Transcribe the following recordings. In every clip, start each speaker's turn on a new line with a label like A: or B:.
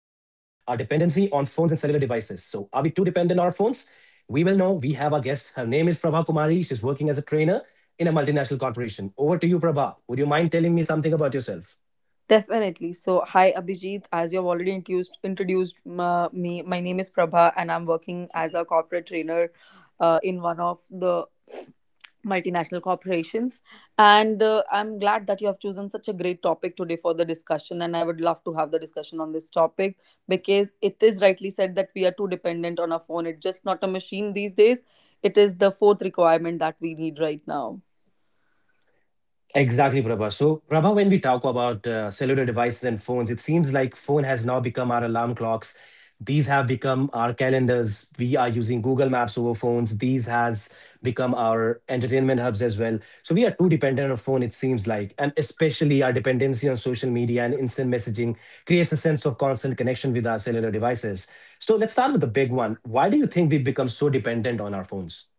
A: on phones and cellular devices. So, are we too dependent on our phones? We will know. We have our guest. Her name is Prabha Kumari. She's working as a trainer in a multinational corporation. Over to you, Prabha. Would you mind telling me something about yourself?
B: Definitely. So, hi Abhijit. As you've already me, my name is Prabha, and I'm working as a corporate trainer in one of the multinational corporations. And I'm glad that you have chosen such a great topic today for the discussion. And I would love to have the discussion on this topic because it is rightly said that we are too dependent on our phone. It's just not a machine these days. It is the fourth requirement that we need right now.
A: Exactly, Prabha. So, Prabha, when we talk about cellular devices and phones, it seems like phone has now become our alarm clocks. These have become our calendars. We are using Google Maps over phones. These has become our entertainment hubs as well. So we are too dependent on phone, it seems like, and especially our dependency on social media and instant messaging creates a sense of constant connection with our cellular devices. So let's start with the big one. Why do you think we've become so dependent on our phones?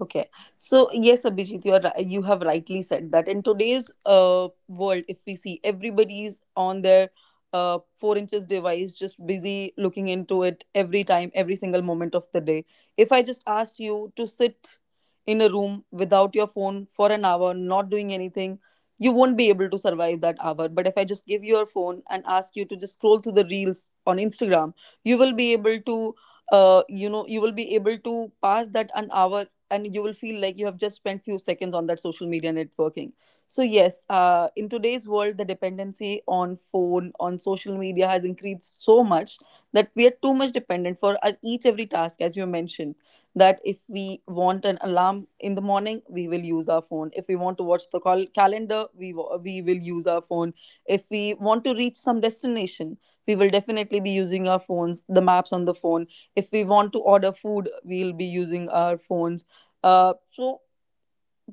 B: Okay. So, yes, Abhijit, you have rightly said that in today's world, if we see everybody is on their 4 inches device, just busy looking into it every time, every single moment of the day. If I just asked you to sit in a room without your phone for an hour, not doing anything, you won't be able to survive that hour. But if I just give you your phone and ask you to just scroll through the reels on Instagram, you will be able to you will be able to pass that an hour, and you will feel like you have just spent few seconds on that social media networking. So yes, in today's world, the dependency on phone, on social media, has increased so much that we are too much dependent for our each every task. As you mentioned, that if we want an alarm in the morning, we will use our phone. If we want to watch the call calendar, we will use our phone. If we want to reach some destination, we will definitely be using our phones, the maps on the phone. If we want to order food, we'll be using our phones. So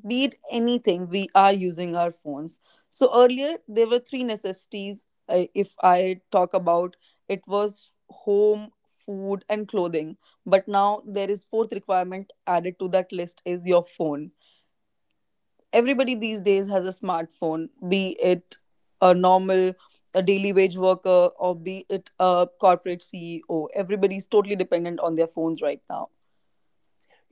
B: be it anything, we are using our phones. So earlier there were three necessities. If I talk about, it was home, food, and clothing. But now there is fourth requirement added to that list, is your phone. Everybody these days has a smartphone, be it a normal a daily wage worker or be it a corporate CEO. Everybody is totally dependent on their phones right now.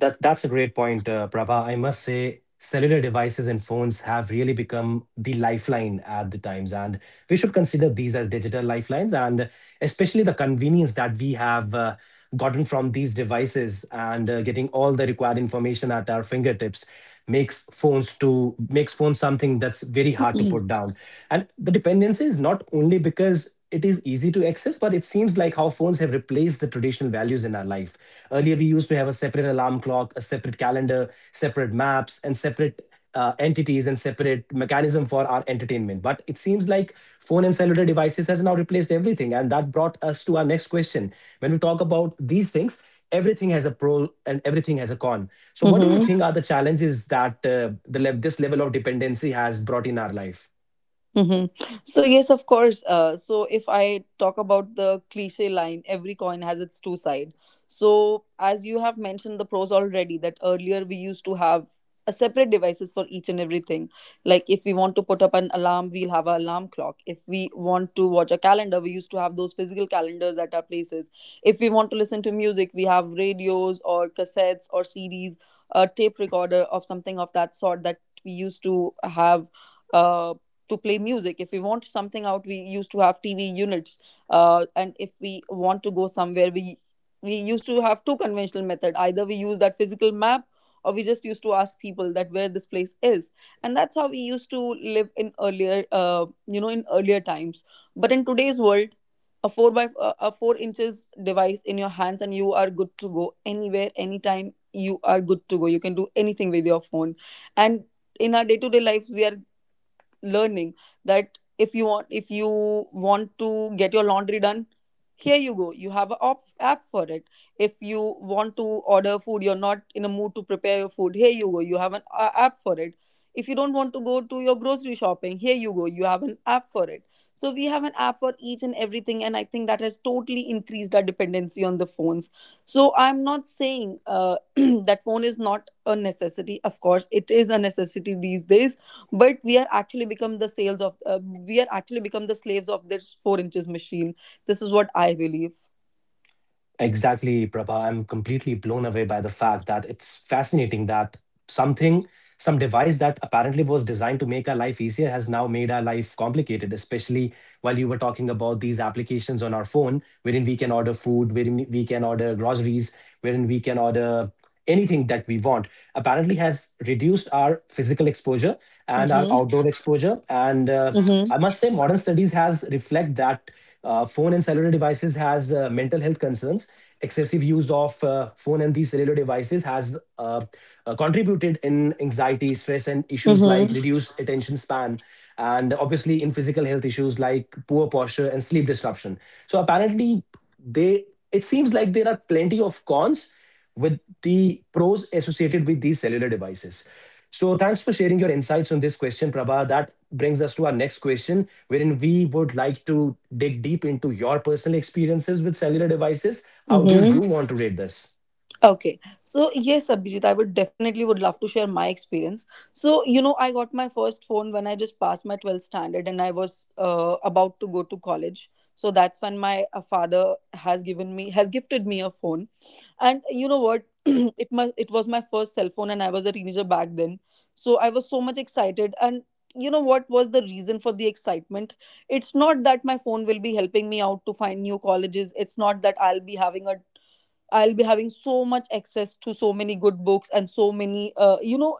A: That's a great point, Prabha. I must say, cellular devices and phones have really become the lifeline at the times, and we should consider these as digital lifelines, and especially the convenience that we have gotten from these devices and getting all the required information at our fingertips makes phones to makes phones something that's very hard to put down. And the dependency is not only because it is easy to access, but it seems like how phones have replaced the traditional values in our life. Earlier, we used to have a separate alarm clock, a separate calendar, separate maps, and separate entities and separate mechanism for our entertainment. But it seems like phone and cellular devices has now replaced everything, and that brought us to our next question. When we talk about these things, everything has a pro and everything has a con. So, what do you think are the challenges that this level of dependency has brought in our life?
B: Mm-hmm. So yes, of course. So if I talk about the cliche line, every coin has its two side. So as you have mentioned the pros already, that earlier we used to have a separate devices for each and everything. Like if we want to put up an alarm, we'll have an alarm clock. If we want to watch a calendar, we used to have those physical calendars at our places. If we want to listen to music, we have radios or cassettes or CDs, a tape recorder of something of that sort that we used to have uh, to play music. If we want something out, we used to have TV units. And if we want to go somewhere, we used to have two conventional method: either we use that physical map, or we just used to ask people that where this place is. And that's how we used to live in earlier, in earlier times. But in today's world, a 4 by uh, a 4 inches device in your hands, and you are good to go anywhere, anytime. You are good to go. You can do anything with your phone. And in our day to day lives, we are learning that if you want to get your laundry done, here you go, you have a app for it. If you want to order food, you're not in a mood to prepare your food, here you go, you have an app for it. If you don't want to go to your grocery shopping, here you go, you have an app for it. So we have an app for each and everything, and I think that has totally increased our dependency on the phones. So I'm not saying that phone is not a necessity. Of course, it is a necessity these days. But we are actually become the sales of we are actually become the slaves of this 4 inches machine. This is what I believe.
A: Exactly, Prabha. I'm completely blown away by the fact that it's fascinating that something, some device that apparently was designed to make our life easier has now made our life complicated, especially while you were talking about these applications on our phone, wherein we can order food, wherein we can order groceries, wherein we can order anything that we want, apparently has reduced our physical exposure and our
B: Mm-hmm.
A: outdoor exposure. And
B: Mm-hmm.
A: I must say, modern studies has reflect that phone and cellular devices has mental health concerns. Excessive use of phone and these cellular devices has contributed in anxiety, stress, and issues like
B: Mm-hmm.
A: reduced attention span, and obviously in physical health issues like poor posture and sleep disruption. So apparently, they it seems like there are plenty of cons with the pros associated with these cellular devices. So, thanks for sharing your insights on this question, Prabha. That brings us to our next question, wherein we would like to dig deep into your personal experiences with cellular devices. How do
B: Mm-hmm.
A: you want to rate this?
B: Okay, so yes, Abhijit, I would definitely would love to share my experience. So you know, I got my first phone when I just passed my 12th standard, and I was about to go to college. So that's when my father has given me has gifted me a phone, and you know what? It was my first cell phone, and I was a teenager back then. So I was so much excited, and you know what was the reason for the excitement? It's not that my phone will be helping me out to find new colleges. It's not that I'll be having so much access to so many good books and so many, you know.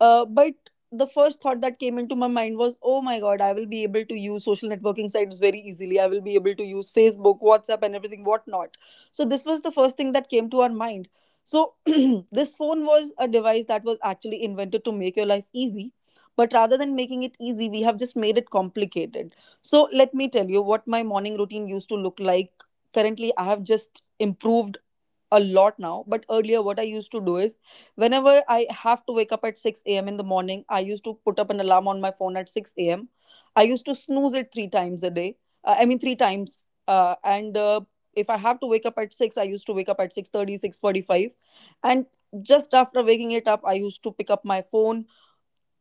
B: But the first thought that came into my mind was, oh my God, I will be able to use social networking sites very easily. I will be able to use Facebook, WhatsApp, and everything, whatnot. So, this was the first thing that came to our mind. So, this phone was a device that was actually invented to make your life easy. But rather than making it easy, we have just made it complicated. So, let me tell you what my morning routine used to look like. Currently, I have just improved a lot now, but earlier what I used to do is, whenever I have to wake up at 6 a.m. in the morning, I used to put up an alarm on my phone at 6 a.m. I used to snooze it three times a day, I mean three times, and if I have to wake up at 6, I used to wake up at 6:30, 6:45, and just after waking it up, I used to pick up my phone,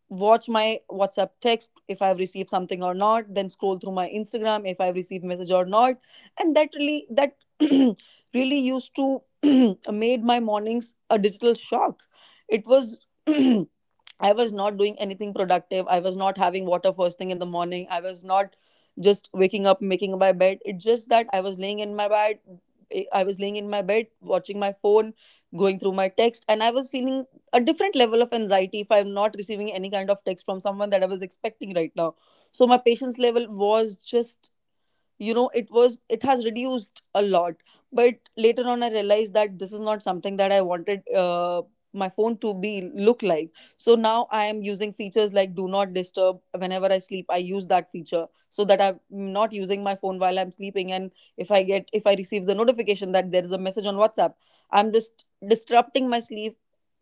B: watch my WhatsApp text if I've received something or not, then scroll through my Instagram if I've received message or not. And that really used to made my mornings a digital shock. It was I was not doing anything productive. I was not having water first thing in the morning. I was not just waking up, making my bed. It's just that I was laying in my bed. I was laying in my bed, watching my phone, going through my text, and I was feeling a different level of anxiety if I'm not receiving any kind of text from someone that I was expecting right now. So my patience level was just it has reduced a lot. But later on, I realized that this is not something that I wanted my phone to be look like. So now I am using features like do not disturb. Whenever I sleep, I use that feature so that I'm not using my phone while I'm sleeping. And if I receive the notification that there is a message on WhatsApp, I'm just disrupting my sleep,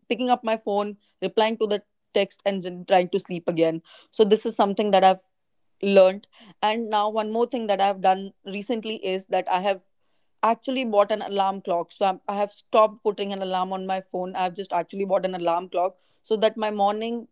B: picking up my phone, replying to the text, and then trying to sleep again. So this is something that I've learnt. And now, one more thing that I've done recently is that I have actually bought an alarm clock. I have stopped putting an alarm on my phone. I've just actually bought an alarm clock so that my morning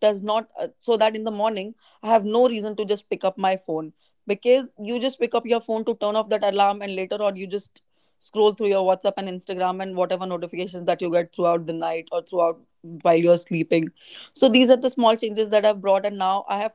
B: does not, so that in the morning, I have no reason to just pick up my phone, because you just pick up your phone to turn off that alarm, and later on you just scroll through your WhatsApp and Instagram and whatever notifications that you get throughout the night or throughout while you're sleeping. So these are the small changes that I've brought, and now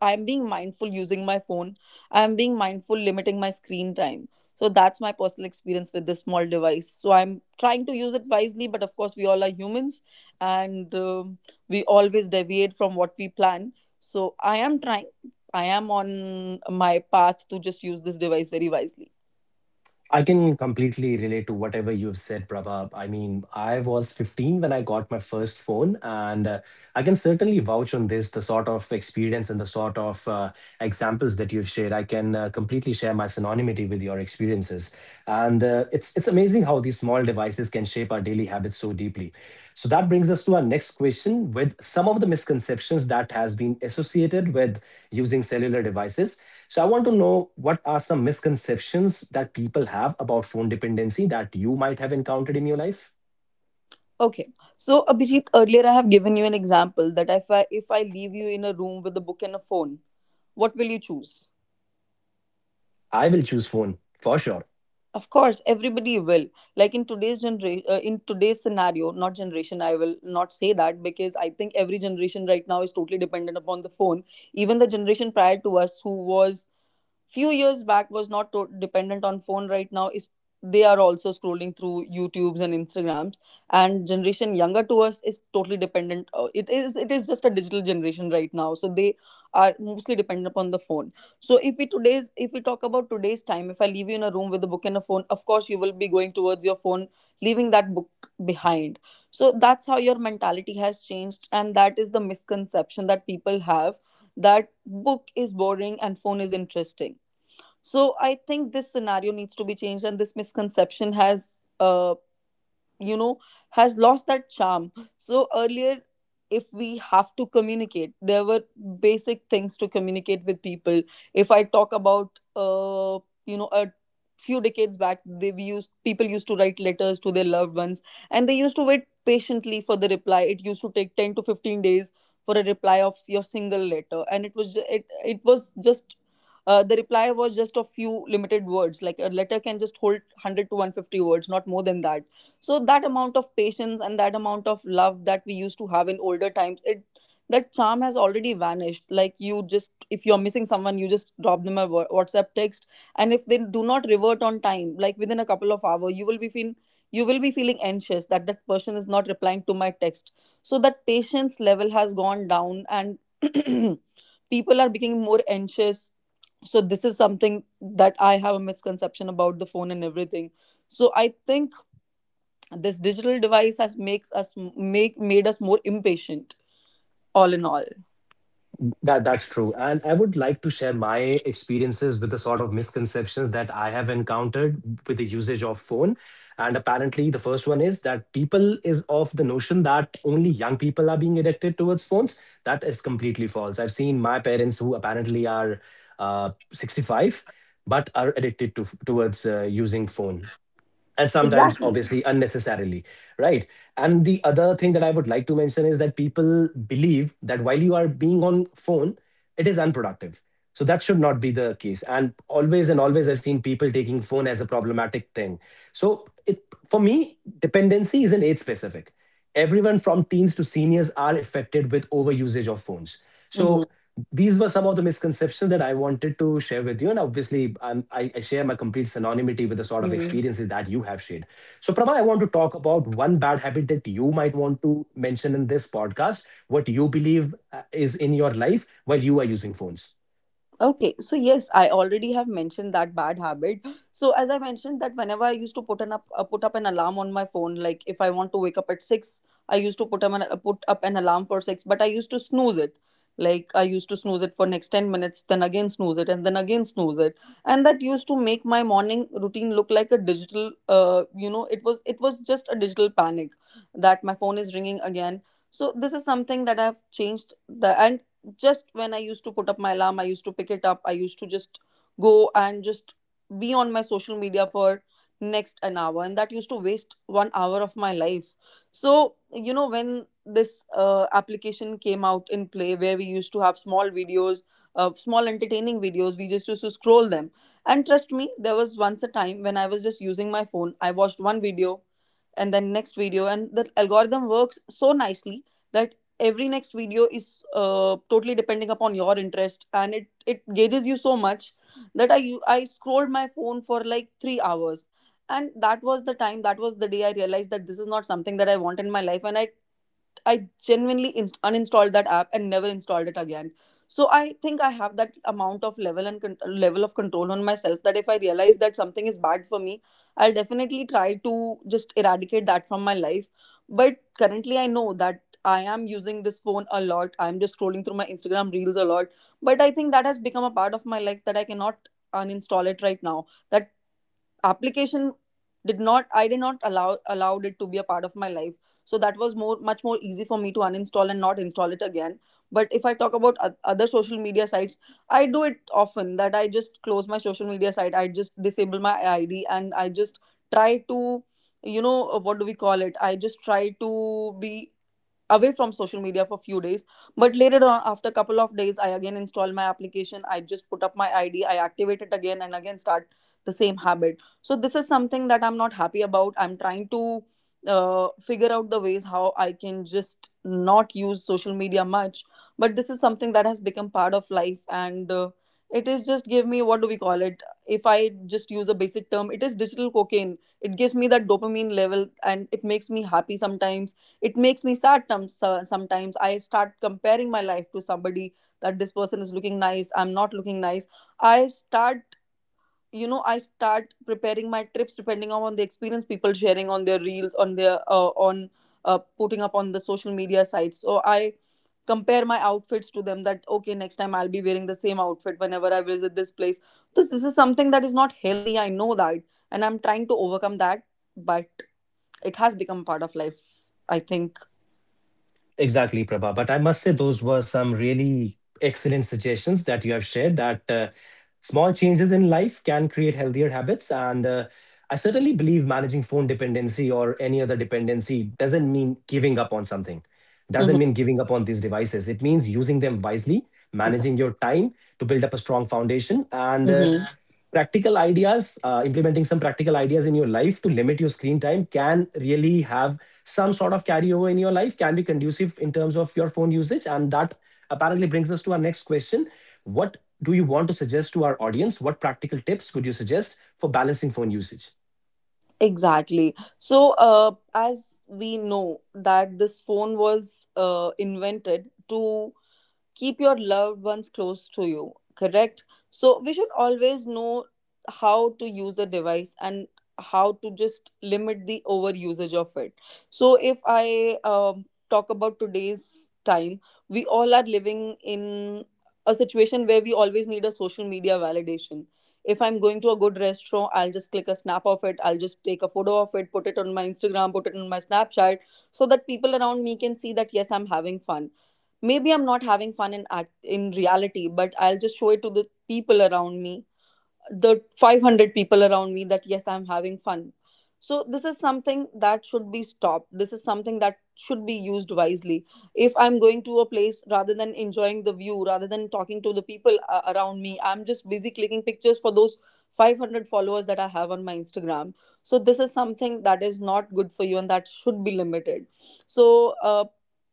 B: I'm being mindful using my phone. I'm being mindful limiting my screen time. So that's my personal experience with this small device. So I'm trying to use it wisely, but of course, we all are humans, and we always deviate from what we plan. So I am trying, I am on my path to just use this device very wisely.
A: I can completely relate to whatever you've said, Prabha. I mean, I was 15 when I got my first phone, and I can certainly vouch on this the sort of experience and the sort of examples that you've shared. I can completely share my synonymity with your experiences. And it's amazing how these small devices can shape our daily habits so deeply. So that brings us to our next question with some of the misconceptions that has been associated with using cellular devices. So I want to know, what are some misconceptions that people have about phone dependency that you might have encountered in your life?
B: Okay, so Abhijit, earlier I have given you an example that if I leave you in a room with a book and a phone, what will you choose?
A: I will choose phone for sure.
B: Of course, everybody will. Like in today's generation, in today's scenario, not generation, I will not say that, because I think every generation right now is totally dependent upon the phone. Even the generation prior to us, who was few years back was not to- dependent on phone right now is they are also scrolling through youtubes and instagrams, and generation younger to us is totally dependent. It is just a digital generation right now, so they are mostly dependent upon the phone. So if we talk about today's time, if I leave you in a room with a book and a phone, of course you will be going towards your phone, leaving that book behind. So that's how your mentality has changed, and that is the misconception that people have, that book is boring and phone is interesting. So I think this scenario needs to be changed, and this misconception has you know has lost that charm. So earlier, if we have to communicate, there were basic things to communicate with people. If I talk about a few decades back, they we used people used to write letters to their loved ones, and they used to wait patiently for the reply. It used to take 10 to 15 days for a reply of your single letter, and it was just the reply was just a few limited words. Like a letter can just hold 100 to 150 words, not more than that. So that amount of patience and that amount of love that we used to have in older times, it that charm has already vanished. Like you just, if you're missing someone, you just drop them a whatsapp text, and if they do not revert on time, like within a couple of hours, you will be feeling, you will be feeling anxious that that person is not replying to my text. So that patience level has gone down, and people are becoming more anxious. So this is something that I have a misconception about, the phone and everything. So I think this digital device has makes us make made us more impatient. All in all,
A: That's true. And I would like to share my experiences with the sort of misconceptions that I have encountered with the usage of phone. And apparently the first one is that people is of the notion that only young people are being addicted towards phones. That is completely false. I've seen my parents who apparently are 65, but are addicted to towards using phone, and sometimes
B: exactly.
A: obviously unnecessarily. Right. And the other thing that I would like to mention is that people believe that while you are being on phone, it is unproductive. So that should not be the case, and always I've seen people taking phone as a problematic thing. So it, for me, dependency isn't age specific. Everyone from teens to seniors are affected with overusage of phones. So these were some of the misconceptions that I wanted to share with you. And obviously, I share my complete synonymity with the sort of
B: Hmm.
A: experiences that you have shared. So, Prabha, I want to talk about one bad habit that you might want to mention in this podcast, what you believe is in your life while you are using phones.
B: Okay, so yes, I already have mentioned that bad habit. So as I mentioned, that whenever I used to put up an alarm on my phone, like if I want to wake up at six, I used to put up an alarm for six, but I used to snooze it. Like I used to snooze it for next 10 minutes, then again snooze it, and then again snooze it, and that used to make my morning routine look like a digital. It was just a digital panic that my phone is ringing again. So this is something that I've changed. The and Just when I used to put up my alarm, I used to pick it up, I used to just go and just be on my social media for next an hour, and that used to waste 1 hour of my life. So you know, when this application came out in play, where we used to have small videos, small entertaining videos, we just used to scroll them. And trust me, there was once a time when I was just using my phone, I watched one video and then next video, and the algorithm works so nicely that every next video is totally depending upon your interest, and it gauges you so much that I scrolled my phone for like 3 hours. And that was the time, that was the day I realized that this is not something that I want in my life, and I genuinely uninstalled that app and never installed it again. So I think I have that amount of level and level of control on myself that if I realize that something is bad for me, I'll definitely try to just eradicate that from my life. But currently, I know that I am using this phone a lot. I'm just scrolling through my Instagram reels a lot. But I think that has become a part of my life that I cannot uninstall it right now. That application, did not I did not allow allowed it to be a part of my life, so that was more much more easy for me to uninstall and not install it again. But if I talk about other social media sites, I do it often, that I just close my social media site, I just disable my ID, and I just try to, what do we call it, I just try to be away from social media for a few days. But later on, after a couple of days, I again install my application, I just put up my ID, I activate it again, and again start the same habit. So this is something that I'm not happy about. I'm trying to figure out the ways how I can just not use social media much. But this is something that has become part of life, and it is just, give me, what do we call it, if I just use a basic term, it is digital cocaine. It gives me that dopamine level and it makes me happy sometimes. It makes me sad sometimes. I start comparing my life to somebody, that this person is looking nice, I'm not looking nice. I start, you know, I start preparing my trips depending on the experience people sharing on their reels, on their on putting up on the social media sites. So I compare my outfits to them, that okay, next time I'll be wearing the same outfit whenever I visit this place. This is something that is not healthy, I know that, and I'm trying to overcome that. But it has become part of life, I think.
A: Exactly, Prabha. But I must say, those were some really excellent suggestions that you have shared that small changes in life can create healthier habits. And I certainly believe managing phone dependency or any other dependency doesn't mean giving up on something,
B: Mhm.
A: doesn't mean giving up on these devices. It means using them wisely, managing your time to build up a strong foundation. And
B: Mm-hmm.
A: practical ideas implementing some practical ideas in your life to limit your screen time can really have some sort of carryover in your life, can be conducive in terms of your phone usage. And that apparently brings us to our next question. What do you want to suggest to our audience? What practical tips would you suggest for balancing phone usage?
B: Exactly. So, as we know that this phone was invented to keep your loved ones close to you, correct? So we should always know how to use a device and how to just limit the over usage of it. So if I talk about today's time, we all are living in a situation where we always need a social media validation. If I'm going to a good restaurant, I'll just click a snap of it, I'll just take a photo of it, put it on my Instagram, put it on my Snapchat, so that people around me can see that yes, I'm having fun. Maybe I'm not having fun in act in reality, but I'll just show it to the people around me, the 500 people around me, that yes, I'm having fun. So this is something that should be stopped. This is something that should be used wisely. If I'm going to a place, rather than enjoying the view, rather than talking to the people around me, I'm just busy clicking pictures for those 500 followers that I have on my Instagram. So this is something that is not good for you and that should be limited. So uh,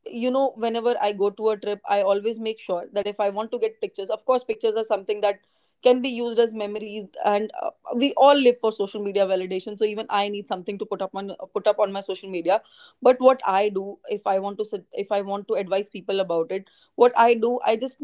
B: you know whenever I go to a trip, I always make sure that if I want to get pictures, of course pictures are something that can be used as memories, and we all live for social media validation, so even I need something to put up on, put up on my social media. But what I do, if I want to sug- if I want to advise people about it, what I do, I just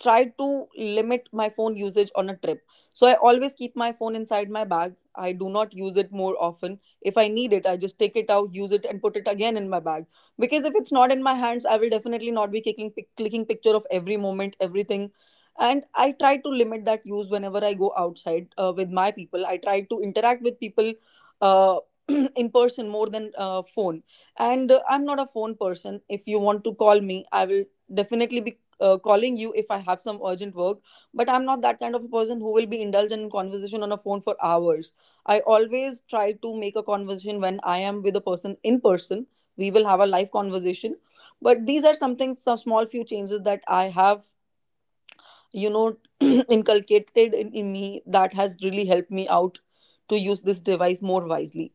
B: try to limit my phone usage on a trip. So I always keep my phone inside my bag. I do not use it more often. If I need it, I just take it out, use it, and put it again in my bag. Because if it's not in my hands, I will definitely not be clicking picture of every moment, everything. And I try to limit that use whenever I go outside with my people. I try to interact with people uh, in person more than phone. And I'm not a phone person. If you want to call me, I will definitely be calling you if I have some urgent work. But I'm not that kind of a person who will be indulged in conversation on a phone for hours. I always try to make a conversation when I am with a person in person. We will have a live conversation. But these are something, some small few changes that I have, you know, inculcated in me that has really helped me out to use this device more wisely.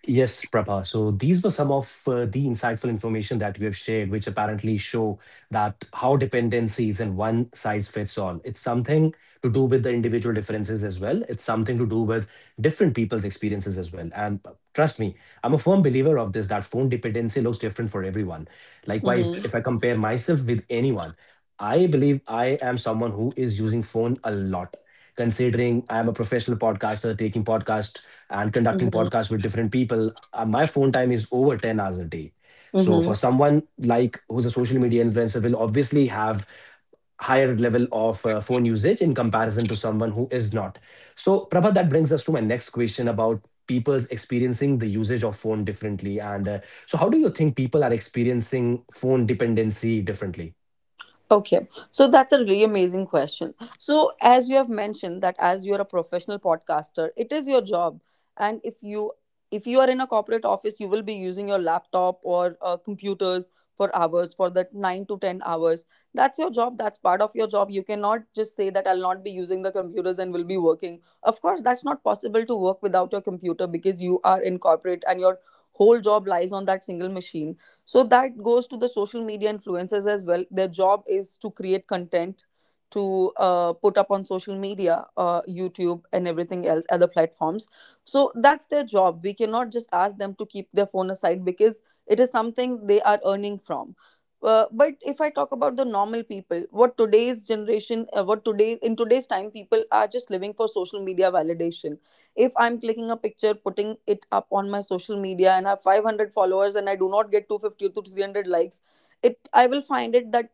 A: Yes, Prabha. So these were some of the insightful information that you have shared, which apparently show that how dependency isn't one size fits all. It's something to do with the individual differences as well. It's something to do with different people's experiences as well. And trust me, I'm a firm believer of this that phone dependency looks different for everyone. Likewise,
B: Mm-hmm.
A: if I compare myself with anyone, I believe I am someone who is using phone a lot. Considering I am a professional podcaster, taking podcast and conducting podcasts with different people, my phone time is over 10 hours a day. So for
B: Mm-hmm.
A: someone like who's a social media influencer will obviously have higher level of phone usage in comparison to someone who is not. So, Prabha, that brings us to my next question about people's experiencing the usage of phone differently. And so how do you think people are experiencing phone dependency differently?
B: Okay, so that's a really amazing question. So, as you have mentioned, that as you're a professional podcaster, it is your job, and if you are in a corporate office, you will be using your laptop or computers for hours, for that 9 to 10 hours. That's your job. That's part of your job. You cannot just say that I'll not be using the computers and will be working. Of course, that's not possible to work without your computer because you are in corporate and your whole job lies on that single machine. So that goes to the social media influencers as well. Their job is to create content to put up on social media, youtube and everything else, other platforms. So that's their job. We cannot just ask them to keep their phone aside because it is something they are earning from. But if I talk about the normal people, what today, in today's time, people are just living for social media validation. If I'm clicking a picture, putting it up on my social media and have 500 followers, and I do not get 250 to 300 likes, it I will find it that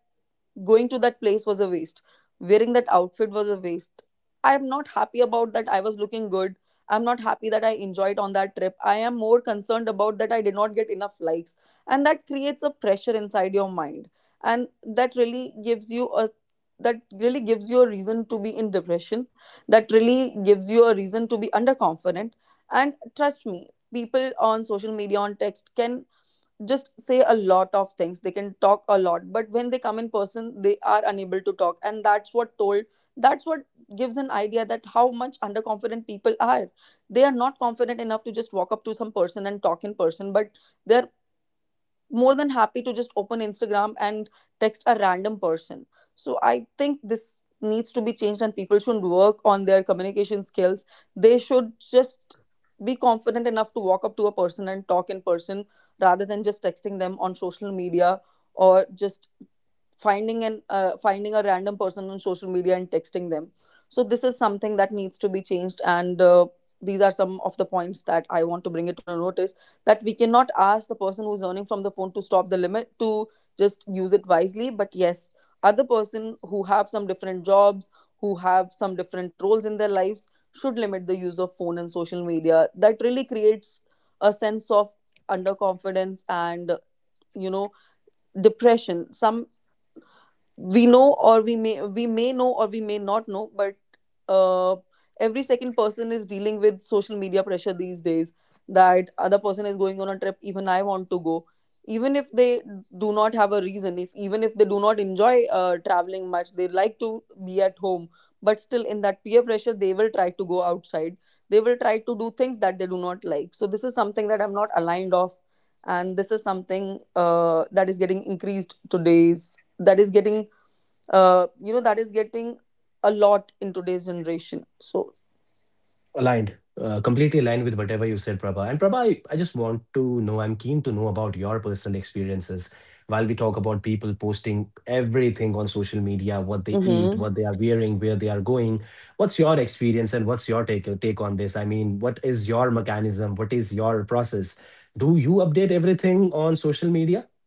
B: going to that place was a waste, wearing that outfit was a waste. I am not happy about that I was looking good. I'm not happy that I enjoyed on that trip. I am more concerned about that I did not get enough likes, and that creates a pressure inside your mind. And that really gives you a reason to be in depression. That really gives you a reason to be underconfident. And trust me, people on social media, on text, can just say a lot of things. They can talk a lot, but when they come in person they are unable to talk, and that's what gives an idea that how much underconfident people are. They are not confident enough to just walk up to some person and talk in person, but they're more than happy to just open Instagram and text a random person. So I think this needs to be changed, and people should work on their communication skills. They should just be confident enough to walk up to a person and talk in person rather than just texting them on social media, or just finding a random person on social media and texting them. So this is something that needs to be changed, and these are some of the points that I want to bring it to the notice, that we cannot ask the person who's earning from the phone to stop, the limit, to just use it wisely. But yes, other person who have some different jobs, who have some different roles in their lives, should limit the use of phone and social media. That really creates a sense of underconfidence and you know depression. Some we know, or we may know, or we may not know, but uh, every second person is dealing with social media pressure these days. That other person is going on a trip, even I want to go, even if they do not have a reason, if even if they do not enjoy traveling much, they like to be at home. But still, in that peer pressure they will try to go outside. They will try to do things that they do not like. So this is something that I'm not aligned of, and this is something that is getting increased today's that is getting you know that is getting a lot in today's generation. So.
A: Aligned. Completely aligned with whatever you said, Prabha. And Prabha, I just want to know, I'm keen to know about your personal experiences while we talk about people posting everything on social media, what they eat,
B: Mhm.
A: what they are wearing, where they are going. What's your experience and what's your take on this? I mean, what is your mechanism? What is your process? Do you update everything on social media?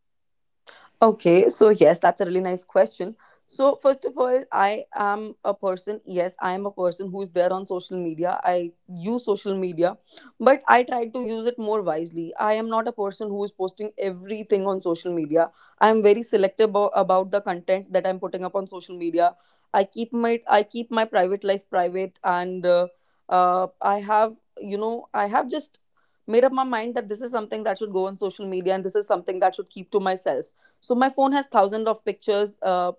B: Okay, so yes, that's a really nice question. So, first of all, I am a person. Yes, I am a person who's there on social media. I use social media, but I try to use it more wisely. I am not a person who is posting everything on social media. I am very selective about the content that I'm putting up on social media. I keep my private life private, and I have just made up my mind that this is something that should go on social media and this is something that should keep to myself. So my phone has thousands of pictures,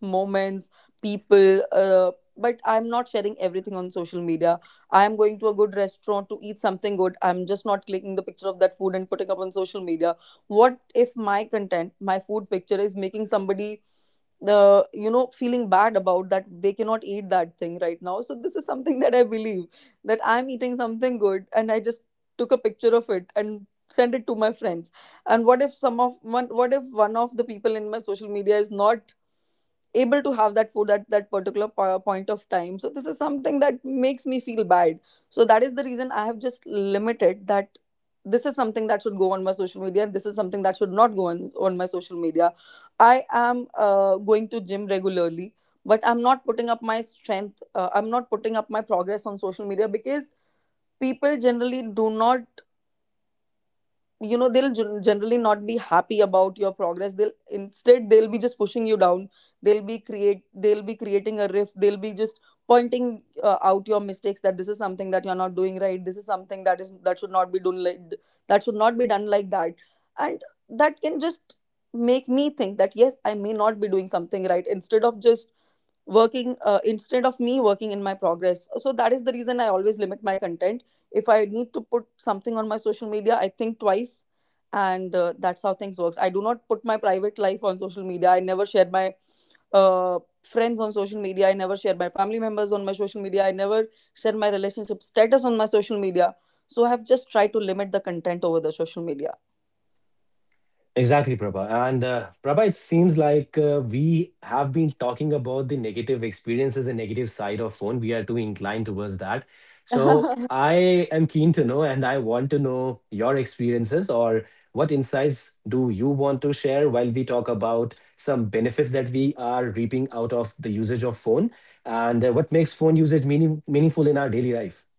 B: moments, people, but I'm not sharing everything on social media. I am going to a good restaurant to eat something good, I'm just not clicking the picture of that food and putting up on social media. What if my food picture is making somebody, feeling bad about that they cannot eat that thing right now? So this is something that I believe, that I'm eating something good and I just took a picture of it and sent it to my friends. And what if some of one what if one of the people in my social media is not able to have that food at that particular point of time? So this is something that makes me feel bad. So that is the reason I have just limited that. This is something that should go on my social media, this is something that should not go on my social media. I am going to gym regularly, but I'm not putting up my strength, I'm not putting up my progress on social media, because people generally do not, they'll generally not be happy about your progress. They'll Instead, they'll be just pushing you down. They'll be creating a rift. They'll be just pointing out your mistakes, that this is something that you're not doing right, this is something that should not be done like that, should not be done like that. And that can just make me think that yes, I may not be doing something right, instead of just working instead of me working in my progress. So that is the reason I always limit my content. If I need to put something on my social media, I think twice, and that's how things works. I do not put my private life on social media. I never share my friends on social media, I never share my family members on my social media, I never share my relationship status on my social media. So I have just tried to limit the content over the social media.
A: Exactly, Prabha. And Prabha, it seems like we have been talking about the negative experiences and negative side of phone. We are too inclined towards that. So I am keen to know, and I want to know your experiences, or what insights do you want to share while we talk about some benefits that we are reaping out of the usage of phone, and what makes phone usage meaningful in our daily life.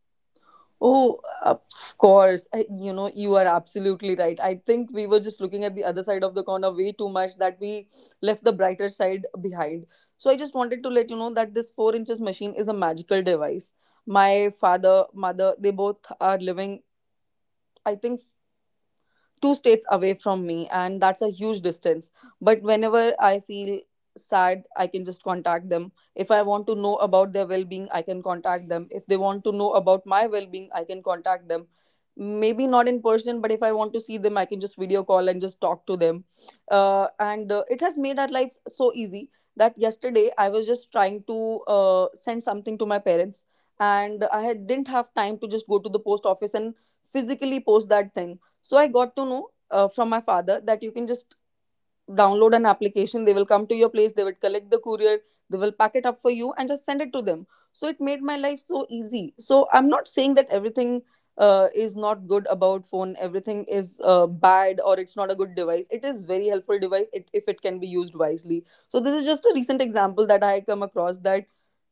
B: Oh, of course. You know, you are absolutely right. I think we were just looking at the other side of the corner way too much that we left the brighter side behind. So I just wanted to let you know that this 4 inches machine is a magical device. My father, mother, they both are living, I think, two states away from me, and that's a huge distance. But whenever I feel sad, I can just contact them. If I want to know about their well-being, I can contact them. If they want to know about my well-being, I can contact them. Maybe not in person, but if I want to see them, I can just video call and just talk to them. And it has made our lives so easy, that yesterday I was just trying to send something to my parents, and didn't have time to just go to the post office and physically post that thing. So I got to know, from my father, that you can just download an application. They will come to your place. They will collect the courier. They will pack it up for you and just send it to them. So it made my life so easy. So I'm not saying that everything is not good about phone. Everything is bad, or it's not a good device. It is very helpful device, if it can be used wisely. So this is just a recent example that I come across that.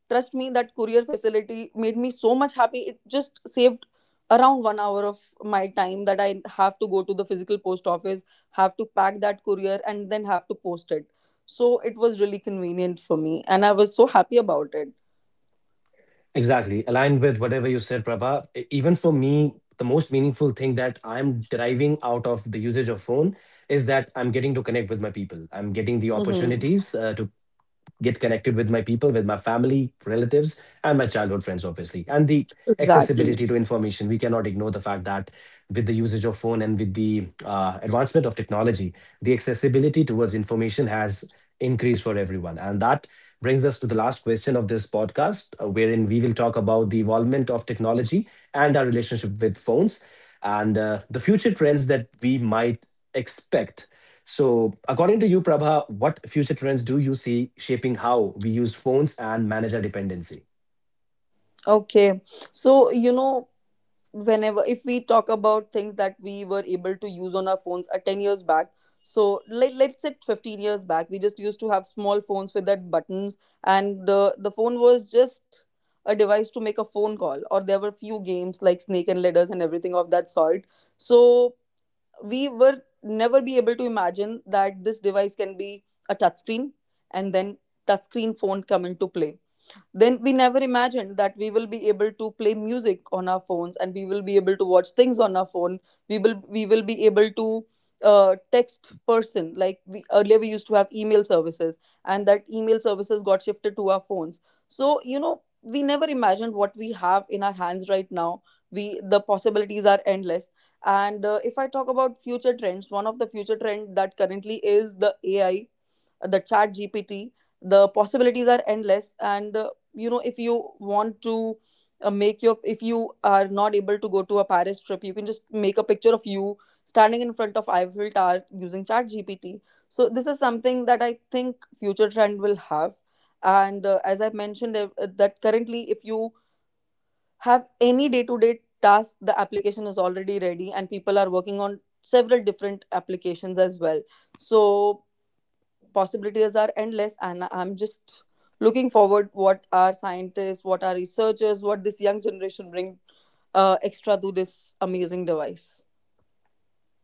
B: Trust me, that courier facility made me so much happy. It just saved around 1 hour of my time that I have to go to the physical post office, have to pack that courier, and then have to post it. So it was really convenient for me, and I was so happy about it.
A: Exactly. Aligned with whatever you said, Prabha. E- Even for me, the most meaningful thing that I'm deriving out of the usage of phone is that I'm getting to connect with my people. I'm getting the
B: Mm-hmm.
A: opportunities to get connected with my people, with my family, relatives, and my childhood friends, obviously. And the
B: Exactly.
A: accessibility to information. We cannot ignore the fact that with the usage of phone and with the advancement of technology, the accessibility towards information has increased for everyone. And that brings us to the last question of this podcast, wherein we will talk about the involvement of technology and our relationship with phones, and the future trends that we might expect. So, according to you, Prabha, what future trends do you see shaping how we use phones and manage our dependency?
B: Okay. So, whenever if we talk about things that we were able to use on our phones 10 years back, so let's say 15 years back, we just used to have small phones with that buttons. And the phone was just a device to make a phone call, or there were few games like snake and ladders and everything of that sort. So we were never be able to imagine that this device can be a touchscreen, and then touchscreen phone come into play. Then we never imagined that we will be able to play music on our phones and we will be able to watch things on our phone. We will be able to text person, like we earlier we used to have email services, and that email services got shifted to our phones. So, we never imagined what we have in our hands right now, we the possibilities are endless. And if I talk about future trends, one of the future trend that currently is the AI, the ChatGPT, the possibilities are endless, and if you want to make your if you are not able to go to a Paris trip, you can just make a picture of you standing in front of Eiffel Tower using ChatGPT. So this is something that I think future trend will have, and as I mentioned, that currently if you have any day to day task, the application is already ready, and people are working on several different applications as well. So possibilities are endless, and I'm just looking forward what our scientists, what our researchers, what this young generation bring extra to this amazing device.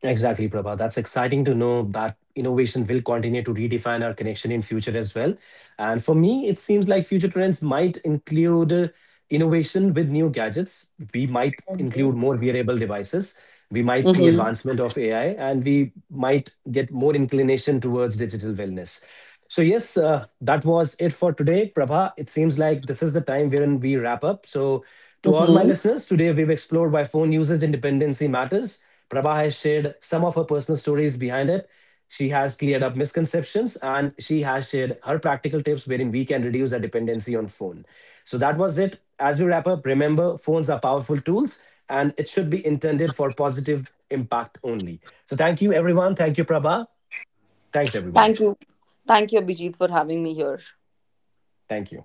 A: Exactly, Prabha. That's exciting to know that innovation will continue to redefine our connection in future as well. And for me, it seems like future trends might include innovation with new gadgets. We might include
B: Mm-hmm.
A: more wearable devices, we might see
B: Mm-hmm.
A: advancement of AI, and we might get more inclination towards digital wellness. So, yes, that was it for today. Prabha, it seems like this is the time wherein we wrap up. So, to all my listeners, today we've explored why phone usage and dependency matters. Prabha has shared some of her personal stories behind it. She has cleared up misconceptions and she has shared her practical tips wherein we can reduce our dependency on phone. So that was it. As we wrap up, remember phones are powerful tools and it should be intended for positive impact only. So thank you everyone. Thank you Prabha. Thanks everyone.
B: Thank you. Thank you, Abhijit, for having me here.
A: Thank you.